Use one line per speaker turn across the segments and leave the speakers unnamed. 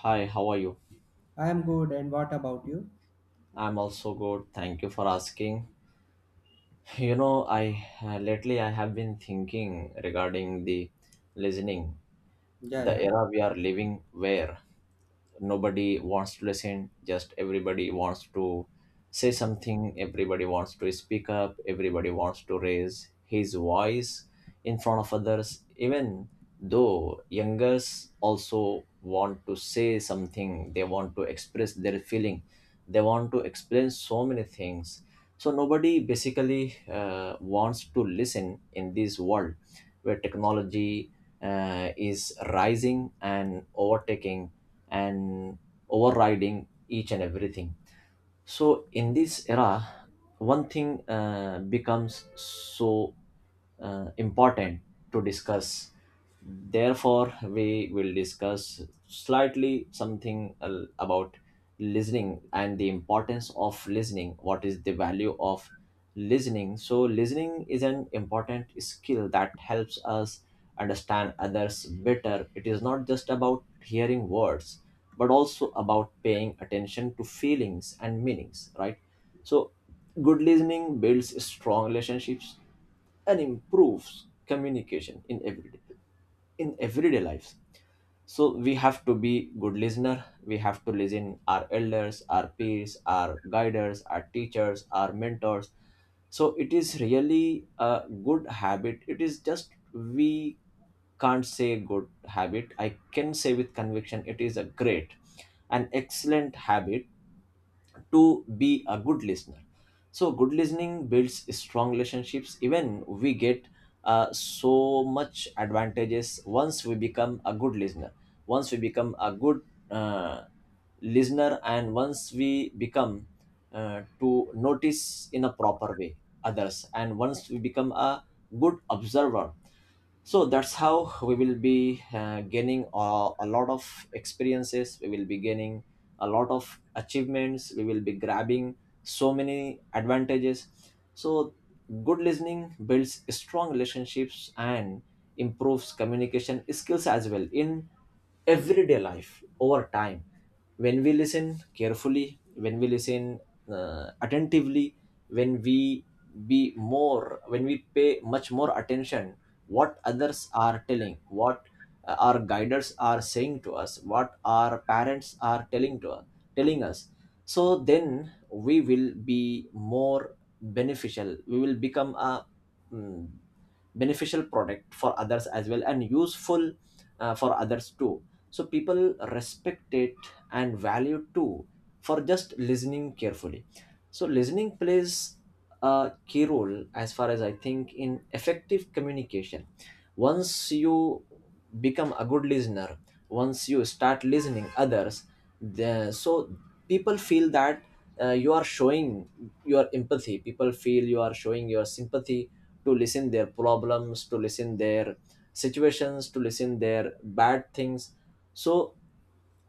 Hi, how are you?
I am good, and what about you?
I'm also good. Thank you for asking. I lately I have been thinking regarding the listening,
Yeah,
the
yeah.
era we are living where nobody wants to listen. Just everybody wants to say something, everybody wants to speak up, everybody wants to raise his voice in front of others. Even though youngers also want to say something, they want to express their feeling, they want to explain so many things. So nobody basically wants to listen in this world where technology is rising and overtaking and overriding each and everything. So in this era, one thing becomes so important to discuss. Therefore, we will discuss slightly something about listening and the importance of listening. What is the value of listening? So, listening is an important skill that helps us understand others better. It is not just about hearing words, but also about paying attention to feelings and meanings, right? So, good listening builds strong relationships and improves communication in everyday lives. So we have to be good listener, we have to listen our elders, our peers, our guiders, our teachers, our mentors. So it is really a good habit. It is just we can't say good habit, I can say with conviction it is a great, an excellent habit to be a good listener. So good listening builds strong relationships, even we get so much advantages once we become a good listener. Once we become a good uh, listener, and once we become to notice in a proper way others, and once we become a good observer, so that's how we will be gaining a lot of experiences, we will be gaining a lot of achievements, we will be grabbing so many advantages. So good listening builds strong relationships and improves communication skills as well in everyday life. Over time, when we listen carefully, when we listen attentively, when we pay much more attention what others are telling, what our guiders are saying to us, what our parents are telling us, so then we will be more beneficial, we will become a mm, beneficial product for others as well, and useful for others too. So people respect it and value too for just listening carefully. So, listening plays a key role, as far as I think, in effective communication. Once you become a good listener, once you start listening others, so people feel that you are showing your empathy. People feel you are showing your sympathy to listen their problems, to listen their situations, to listen their bad things. So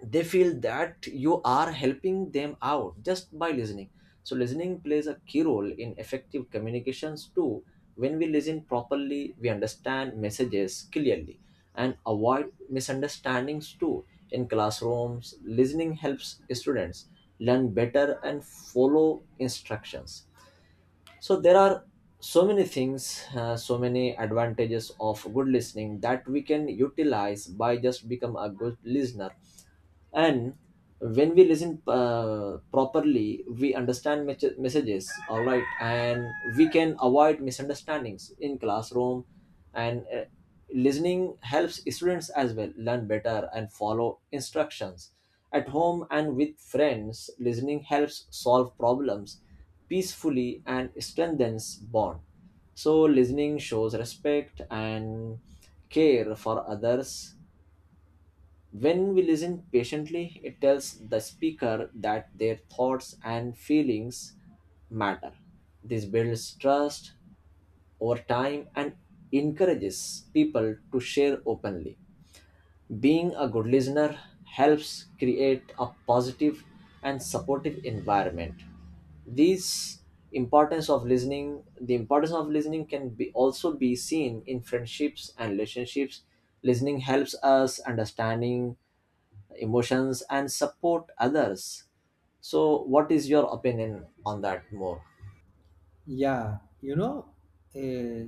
they feel that you are helping them out just by listening. So listening plays a key role in effective communications too. When we listen properly, we understand messages clearly and avoid misunderstandings too. In classrooms, listening helps students learn better and follow instructions. So there are so many things, so many advantages of good listening that we can utilize by just become a good listener. And when we listen properly, we understand messages all right, and we can avoid misunderstandings in classroom. And listening helps students as well learn better and follow instructions. At home and with friends, listening helps solve problems peacefully and strengthens bond. So listening shows respect and care for others. When we listen patiently, it tells the speaker that their thoughts and feelings matter. This builds trust over time and encourages people to share openly. Being a good listener helps create a positive and supportive environment. These importance of listening, the importance of listening can be also be seen in friendships and relationships. Listening helps us understanding emotions and support others. So, what is your opinion on that more?
Yeah, you know, eh,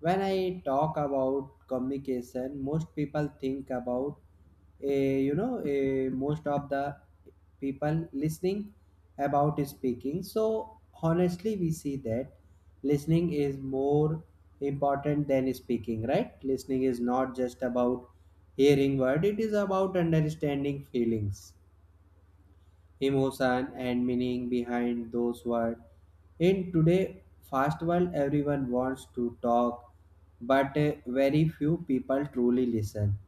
when I talk about communication, most people think about, most of the people listening about speaking. So, honestly, we see that listening is more important than speaking, right? Listening is not just about hearing word, it is about understanding feelings emotion and meaning behind those words. In today fast world, everyone wants to talk, but very few people truly listen.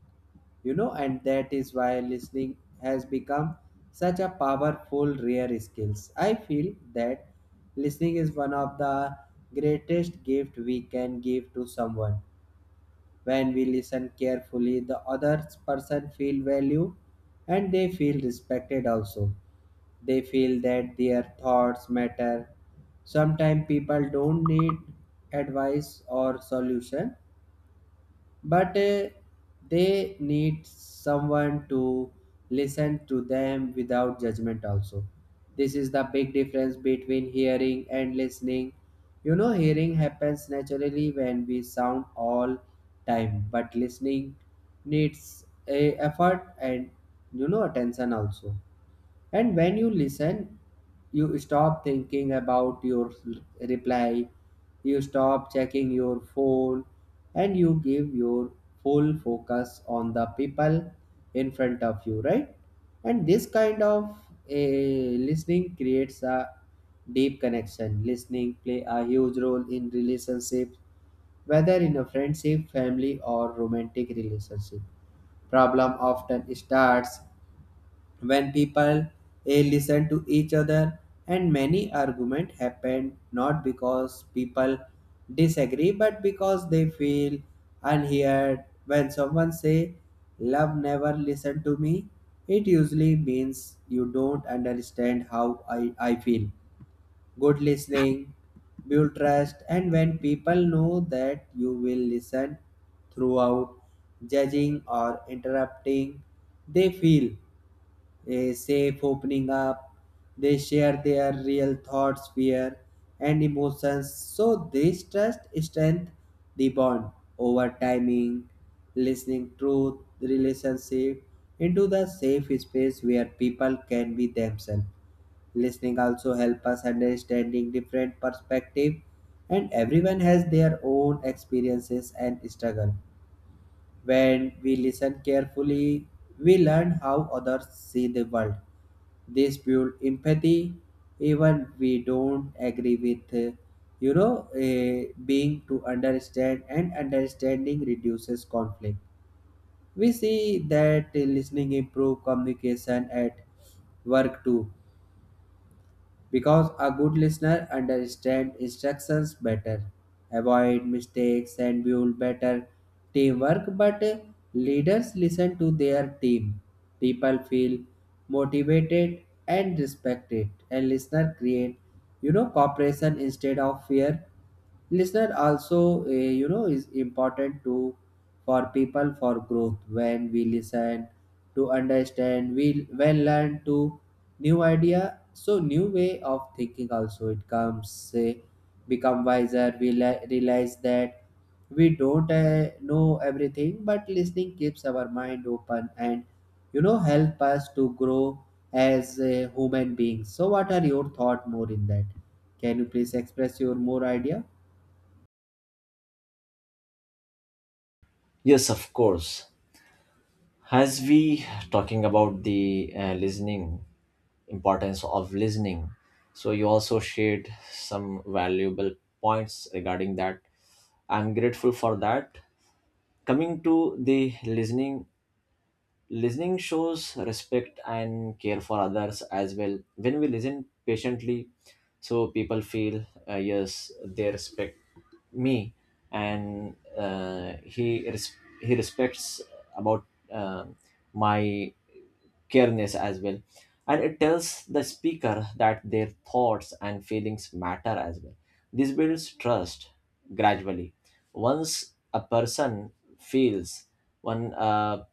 You know, and that is why listening has become such a powerful rare skills. I feel that listening is one of the greatest gift we can give to someone. When we listen carefully, the other person feel value and they feel respected also they feel that their thoughts matter. Sometimes people don't need advice or solution, but they need someone to listen to them without judgment also. This is the big difference between hearing and listening. You know, hearing happens naturally when we sound all time, but listening needs a effort and you know attention also. And when you listen, you stop thinking about your reply, you stop checking your phone, and you give your full focus on the people in front of you, right? And this kind of a listening creates a deep connection. Listening play a huge role in relationships, whether in a friendship, family, or romantic relationship problem often starts when people listen to each other, and many argument happen not because people disagree but because they feel unheard. When someone say love never listen to me, it usually means you don't understand how I feel. Good listening build trust, and when people know that you will listen throughout judging or interrupting, they feel a safe opening up. They share their real thoughts, fear, and emotions. So this trust strength the bond over timing, listening truth, relationship into the safe space where people can be themselves. Listening also help us understanding different perspective, and everyone has their own experiences and struggle. When we listen carefully, we learn how others see the world. This build empathy even we don't agree with being to understand, and understanding reduces conflict. We see that listening improve communication at work too, because a good listener understands instructions better, avoid mistakes, and build better teamwork. But leaders listen to their team. People feel motivated and respected, and listener create, you know, cooperation instead of fear. Listener also you know is important to for people for growth. When we listen to understand, we when learn to new idea, so new way of thinking also it comes say become wiser. We realize that we don't know everything, but listening keeps our mind open and you know help us to grow as human beings. So what are your thought more in that? Can you please express your more idea?
Yes, of course. As we talking about the listening, importance of listening, so you also shared some valuable points regarding that. I'm grateful for that. Coming to the listening, listening shows respect and care for others as well. When we listen patiently, so people feel, yes, they respect me, and he he respects about uh, my careness as well, and it tells the speaker that their thoughts and feelings matter as well. This builds trust gradually. Once a person feels one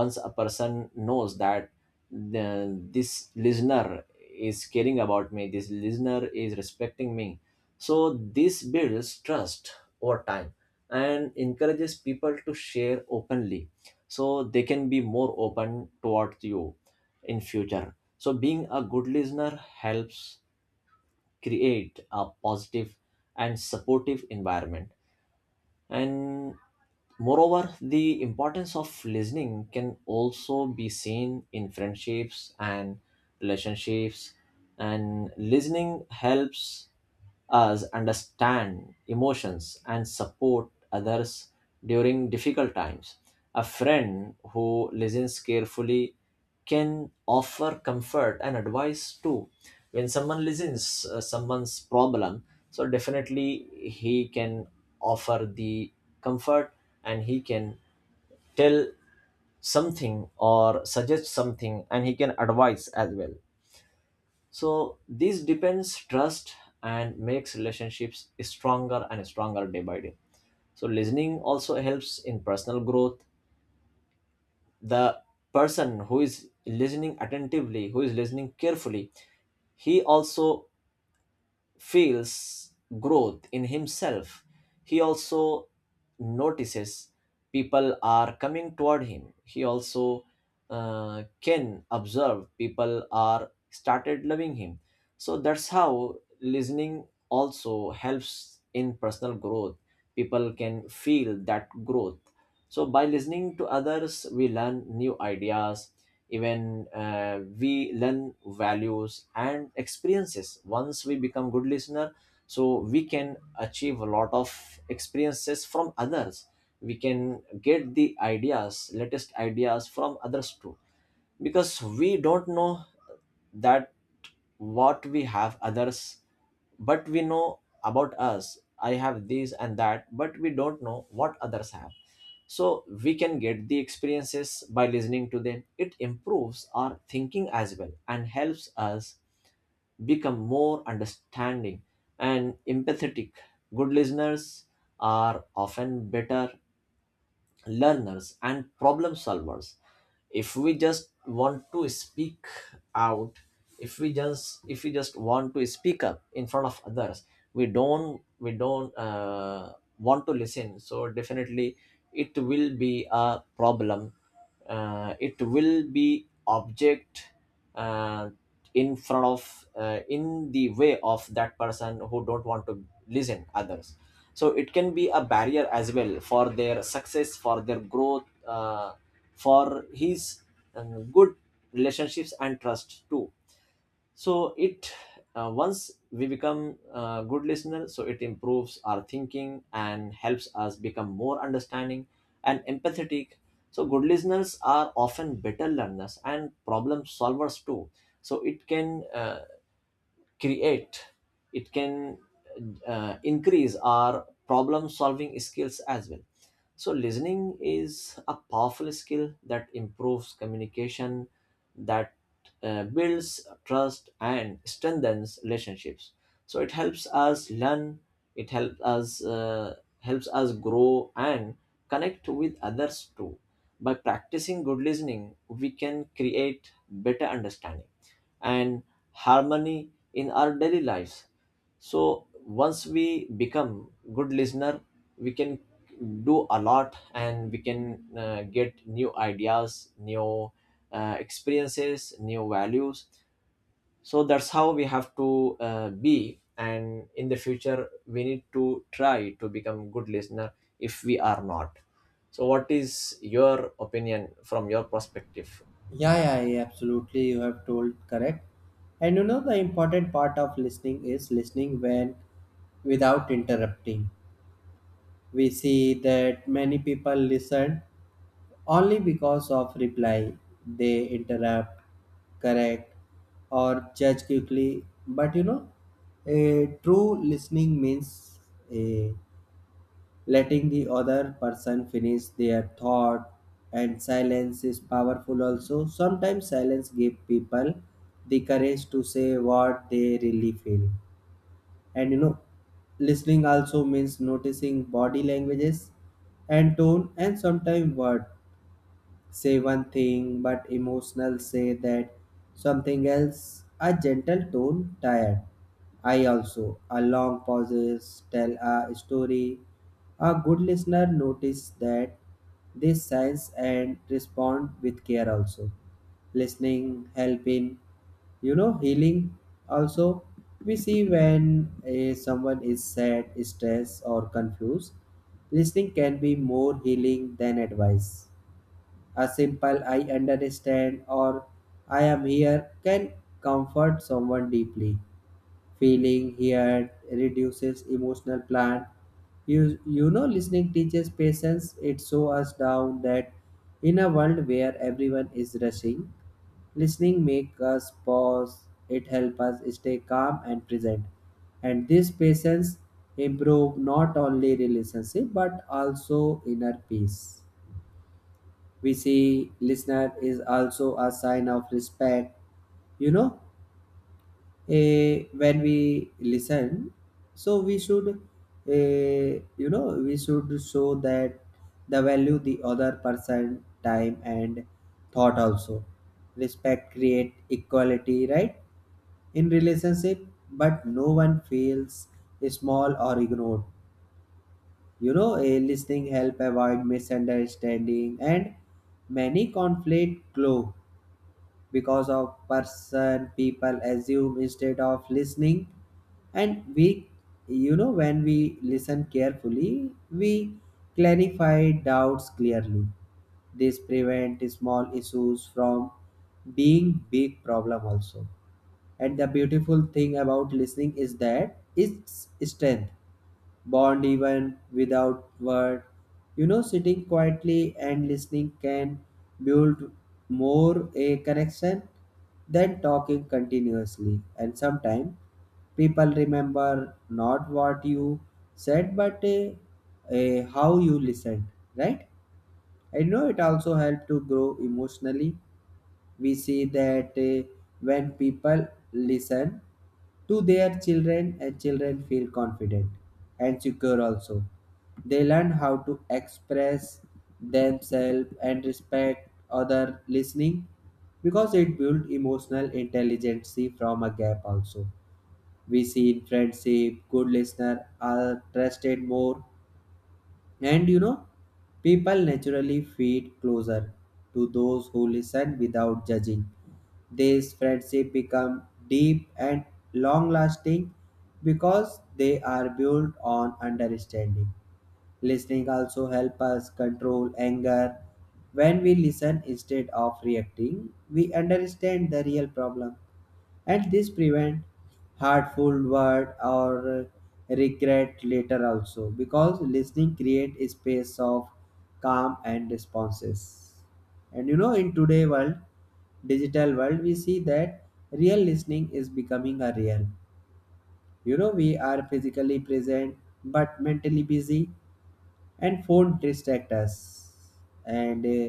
once a person knows that this listener is caring about me, this listener is respecting me, so this builds trust over time and encourages people to share openly. So they can be more open towards you in future. So being a good listener helps create a positive and supportive environment. And moreover, the importance of listening can also be seen in friendships and relationships, and listening helps us understand emotions and support others during difficult times. A friend who listens carefully can offer comfort and advice too. When someone listens someone's problem, so definitely he can offer the comfort, and he can tell something or suggest something, and he can advise as well. So this depends trust and makes relationships stronger and stronger day by day. So listening also helps in personal growth. The person who is listening attentively, who is listening carefully, he also feels growth in himself. He also notices people are coming toward him. He also can observe people are started loving him. So that's how listening also helps in personal growth. People can feel that growth. So by listening to others, we learn new ideas, even we learn values and experiences. Once we become good listener, so we can achieve a lot of experiences from others. We can get the ideas, latest ideas from others too, because we don't know that what we have others, but we know about us. I have this and that, but we don't know what others have. So we can get the experiences by listening to them. It improves our thinking as well and helps us become more understanding and empathetic. Good listeners are often better learners and problem solvers. If we just want to speak out, if we just want to speak up in front of others, we don't want to listen, so definitely it will be a problem. It will be object uh, in front of, in the way of that person who don't want to listen others. So it can be a barrier as well for their success, for their growth, for his good relationships and trust too. So it, once we become a good listener, so it improves our thinking and helps us become more understanding and empathetic. So good listeners are often better learners and problem solvers too. So it can create, it can increase our problem solving skills as well. So, listening is a powerful skill that improves communication, that builds trust, and strengthens relationships. So, it helps us learn, it helps us helps us grow and connect with others too. By practicing good listening, we can create better understanding and harmony in our daily lives. So once we become good listener, we can do a lot, and we can get new ideas, new experiences, new values. So that's how we have to be, and in the future we need to try to become good listener if we are not. So what is your opinion from your perspective?
Yeah, yeah, yeah, absolutely. You have told correct. And you know the important part of listening is listening when without interrupting. We see that many people listen only because of reply. They interrupt, correct, or judge quickly. But you know, a true listening means a letting the other person finish their thought, and silence is powerful also. Sometimes silence gives people the courage to say what they really feel. And you know, listening also means noticing body languages and tone, and sometimes word say one thing but emotional say that something else. A gentle tone tired I also a long pauses tell a story. A good listener notice that this signs and respond with care also. Listening helping, you know healing also. We see when someone is sad stressed or confused, listening can be more healing than advice. A simple I understand or I am here can comfort someone deeply. Feeling heard reduces emotional plan. You know, listening teaches patience. It shows us down that in a world where everyone is rushing, listening makes us pause. It helps us stay calm and present. And this patience improve not only relationship but also inner peace. We see listener is also a sign of respect. You know, when we listen, so we should you know we should show that the value the other person time and thought also. Respect create equality, right, in relationship, but no one feels small or ignored. You know a listening help avoid misunderstanding, and many conflict glow because of person people assume instead of listening. And we you know when we listen carefully we clarify doubts clearly. This prevent small issues from being big problem also. And the beautiful thing about listening is that it's strength bond even without word. You know, sitting quietly and listening can build more a connection than talking continuously. And sometimes people remember not what you said but a how you listened, right? I know it also helped to grow emotionally. We see that when people listen to their children, and children feel confident and secure also. They learn how to express themselves and respect other listening, because it builds emotional intelligence from a gap also. We see in friendship good listener are trusted more, and you know, people naturally feed closer to those who listen without judging. These friendships become deep and long lasting because they are built on understanding. Listening also helps us control anger. When we listen instead of reacting, we understand the real problem, and this prevent hurtful word or regret later also, because listening create a space of calm and responses. And you know in today world, digital world, we see that real listening is becoming a real, you know, we are physically present but mentally busy, and phone distract us. And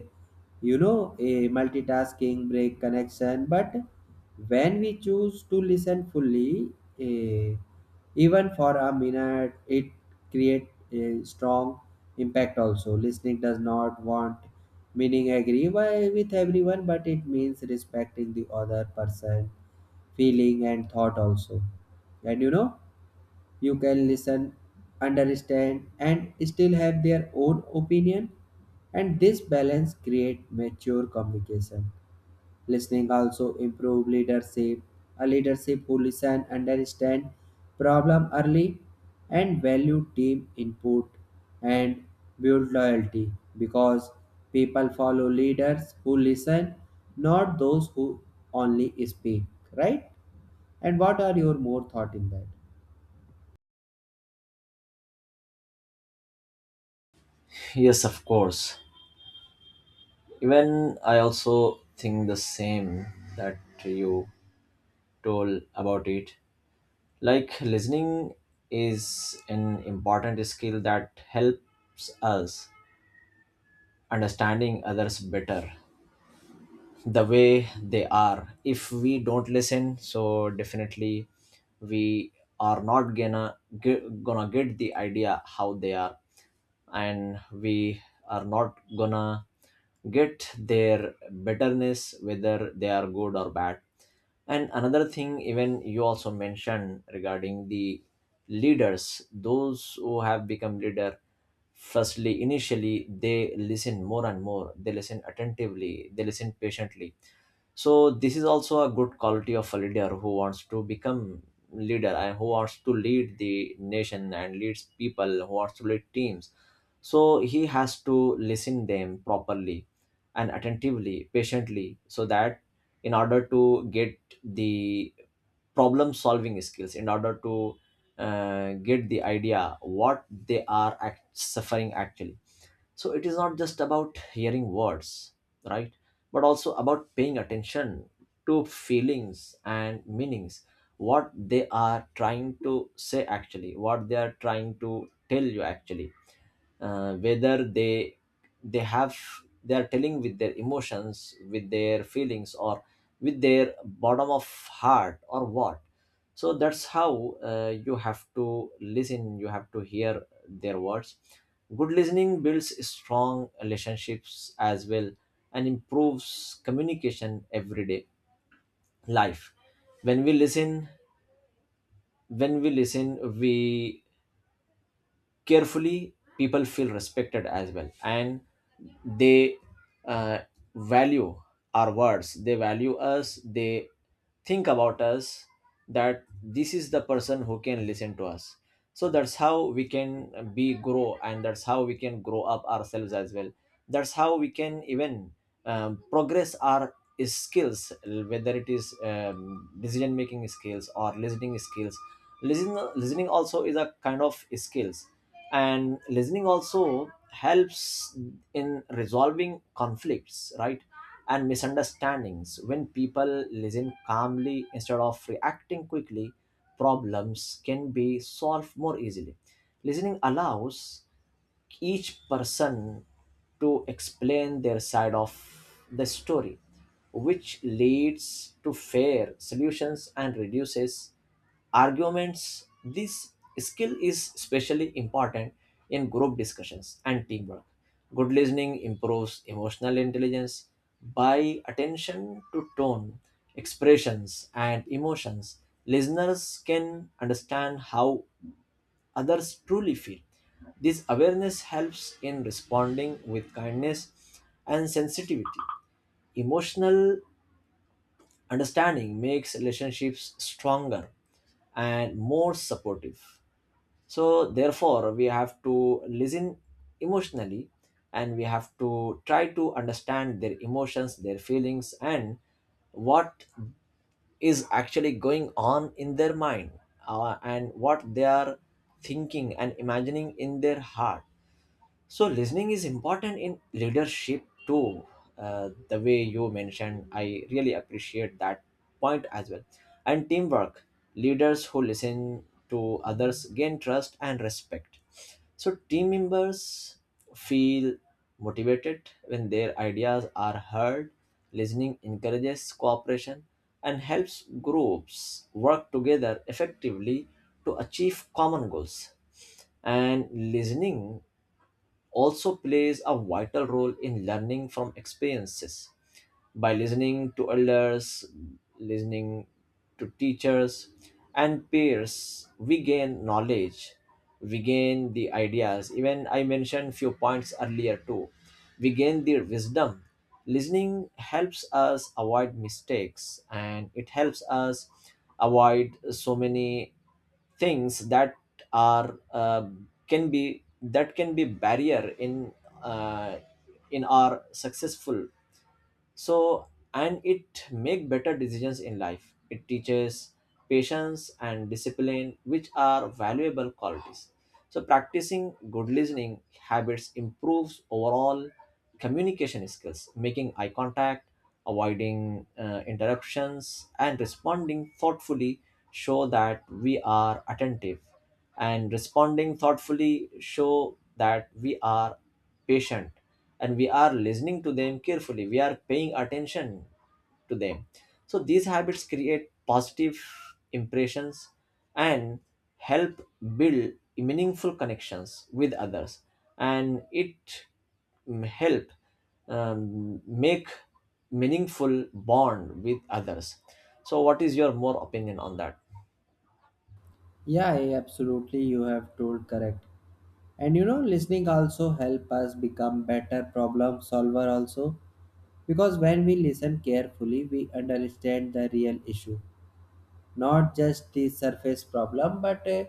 you know a multitasking break connection, but when we choose to listen fully, uh, even for a minute it create a strong impact also. Listening does not want meaning agree with everyone, but it means respecting the other person feeling and thought also. And you know you can listen, understand, and still have their own opinion. And this balance creates mature communication. Listening also improve leadership. A leadership who listen, understand problem early, and value team input and build loyalty, because people follow leaders who listen, not those who only speak. Right? And what are your more thought in that?
Yes, of course. Even I also think the same that you told about it. Like listening is an important skill that helps us understanding others better, the way they are. If we don't listen, so definitely we are not gonna get the idea how they are, and we are not gonna get their betterness whether they are good or bad. And another thing, even you also mentioned regarding the leaders, those who have become leader, firstly initially they listen more and more, they listen attentively, they listen patiently. So this is also a good quality of a leader who wants to become leader and who wants to lead the nation and leads people, who wants to lead teams. So he has to listen them properly and attentively, patiently, so that in order to get the problem solving skills, in order to get the idea what they are suffering actually. So it is not just about hearing words, right? But also about paying attention to feelings and meanings, what they are trying to say actually, what they are trying to tell you actually, whether they have, they are telling with their emotions, with their feelings, or with their bottom of heart, or what. So that's how you have to listen, you have to hear their words. Good listening builds strong relationships as well and improves communication everyday life. when we listen when we listen we carefully, people feel respected as well, and they uh, value our words, they value us, they think about us that this is the person who can listen to us. So that's how we can be grow, and that's how we can grow up ourselves as well. That's how we can even progress our skills, whether it is decision making skills or listening skills. Listening also is a kind of skills, and listening also helps in resolving conflicts, right, and misunderstandings. When people listen calmly instead of reacting quickly, problems can be solved more easily. Listening allows each person to explain their side of the story, which leads to fair solutions and reduces arguments. This skill is especially important in group discussions and teamwork. Good listening improves emotional intelligence. By attention to tone, expressions, and emotions, listeners can understand how others truly feel. This awareness helps in responding with kindness and sensitivity. Emotional understanding makes relationships stronger and more supportive. So, therefore, we have to listen emotionally, and we have to try to understand their emotions, their feelings, and what is actually going on in their mind, and what they are thinking and imagining in their heart. So listening is important in leadership too. The way you mentioned, I really appreciate that point as well. And teamwork, leaders who listen to others gain trust and respect. So team members feel motivated when their ideas are heard. Listening encourages cooperation and helps groups work together effectively to achieve common goals. And listening also plays a vital role in learning from experiences. By listening to elders, listening to teachers, and peers, we gain knowledge, we gain the ideas. Even I mentioned few points earlier too. We gain their wisdom. Listening helps us avoid mistakes, and it helps us avoid so many things that are, can be, that can be barrier in, uh, in our successful. So and it make better decisions in life. It teaches patience and discipline, which are valuable qualities. So practicing good listening habits improves overall communication skills. Making eye contact, avoiding interruptions, and responding thoughtfully show that we are attentive, and responding thoughtfully show that we are patient and we are listening to them carefully, we are paying attention to them. So these habits create positive impressions and help build meaningful connections with others. And it help make meaningful bond with others. So what is your more opinion on that?
Yeah, yeah, absolutely. You have told correct. And you know, listening also help us become better problem solver also, because when we listen carefully, we understand the real issue, not just the surface problem but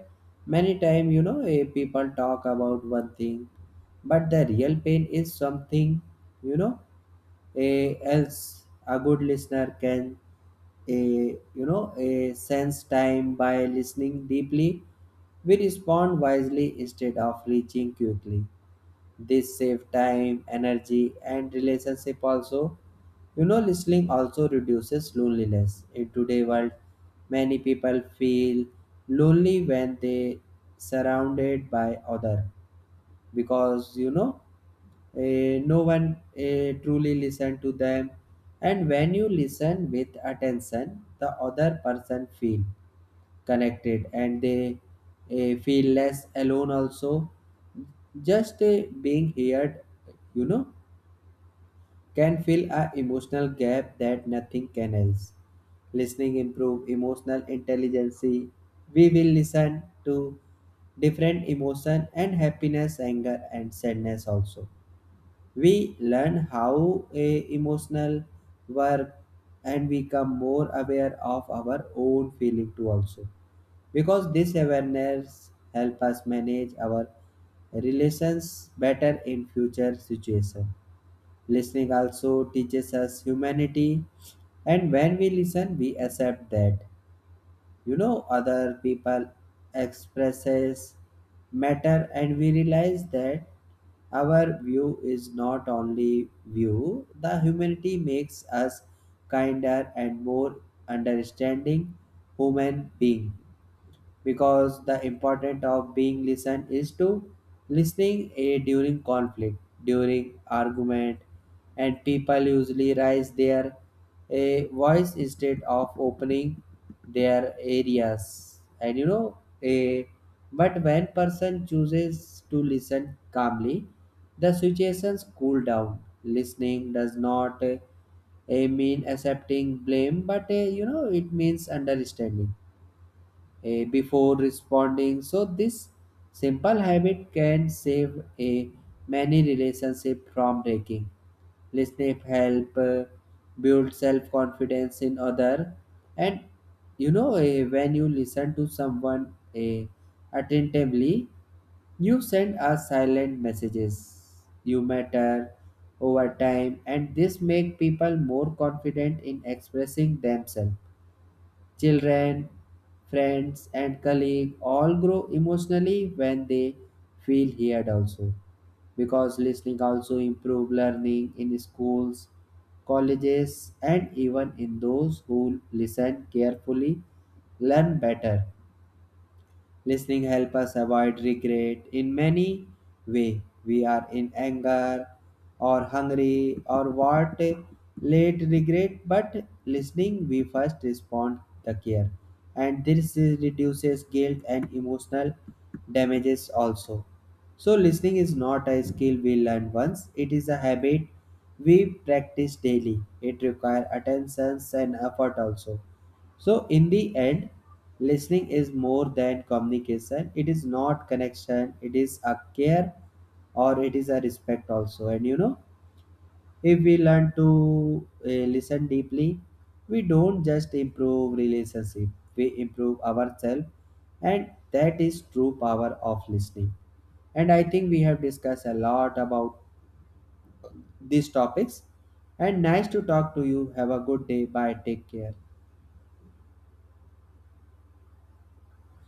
many time you know people talk about one thing but the real pain is something you know a else. A good listener can a you know a sense time by listening deeply. We respond wisely instead of reaching quickly. This save time, energy, and relationship also. You know, listening also reduces loneliness. In today's world, many people feel lonely when they surrounded by other, because you know no one truly listen to them. And when you listen with attention, the other person feel connected, and they feel less alone also. Just being heard, you know, can fill a emotional gap that nothing can else. Listening improve emotional intelligence. We will listen to different emotion and happiness anger and sadness also. We learn how a emotional work and become more aware of our own feeling too also, because this awareness help us manage our relations better in future situation. Listening also teaches us humanity, and when we listen we accept that you know other people expresses matter, and we realize that our view is not only view. The humanity makes us kinder and more understanding human being, because the important of being listened is to listening a during conflict, during argument, and people usually raise their a voice instead of opening their areas. And you know a but when person chooses to listen calmly, the situations cool down. Listening does not mean accepting blame, but you know it means understanding before responding. So this simple habit can save a many relationship from breaking. Listening help build self confidence in other, and you know when you listen to someone attentively, you send us silent messages. You matter over time, and this make people more confident in expressing themselves. Children, friends, and colleagues all grow emotionally when they feel heard also, because listening also improve learning in schools colleges and even in those who listen carefully learn better. Listening help us avoid regret in many way. We are in anger or hungry or what late regret, but listening we first respond the care. And this reduces guilt and emotional damages also. So listening is not a skill we learn once, it is a habit we practice daily. It requires attention and effort also. So, in the end, listening is more than communication. It is not connection, it is a care, or it is a respect also. And you know, if we learn to listen deeply, we don't just improve relationship, we improve ourselves. And that is true power of listening. And I think we have discussed a lot about these topics. And nice to talk to you. Have a good day. Bye. Take care.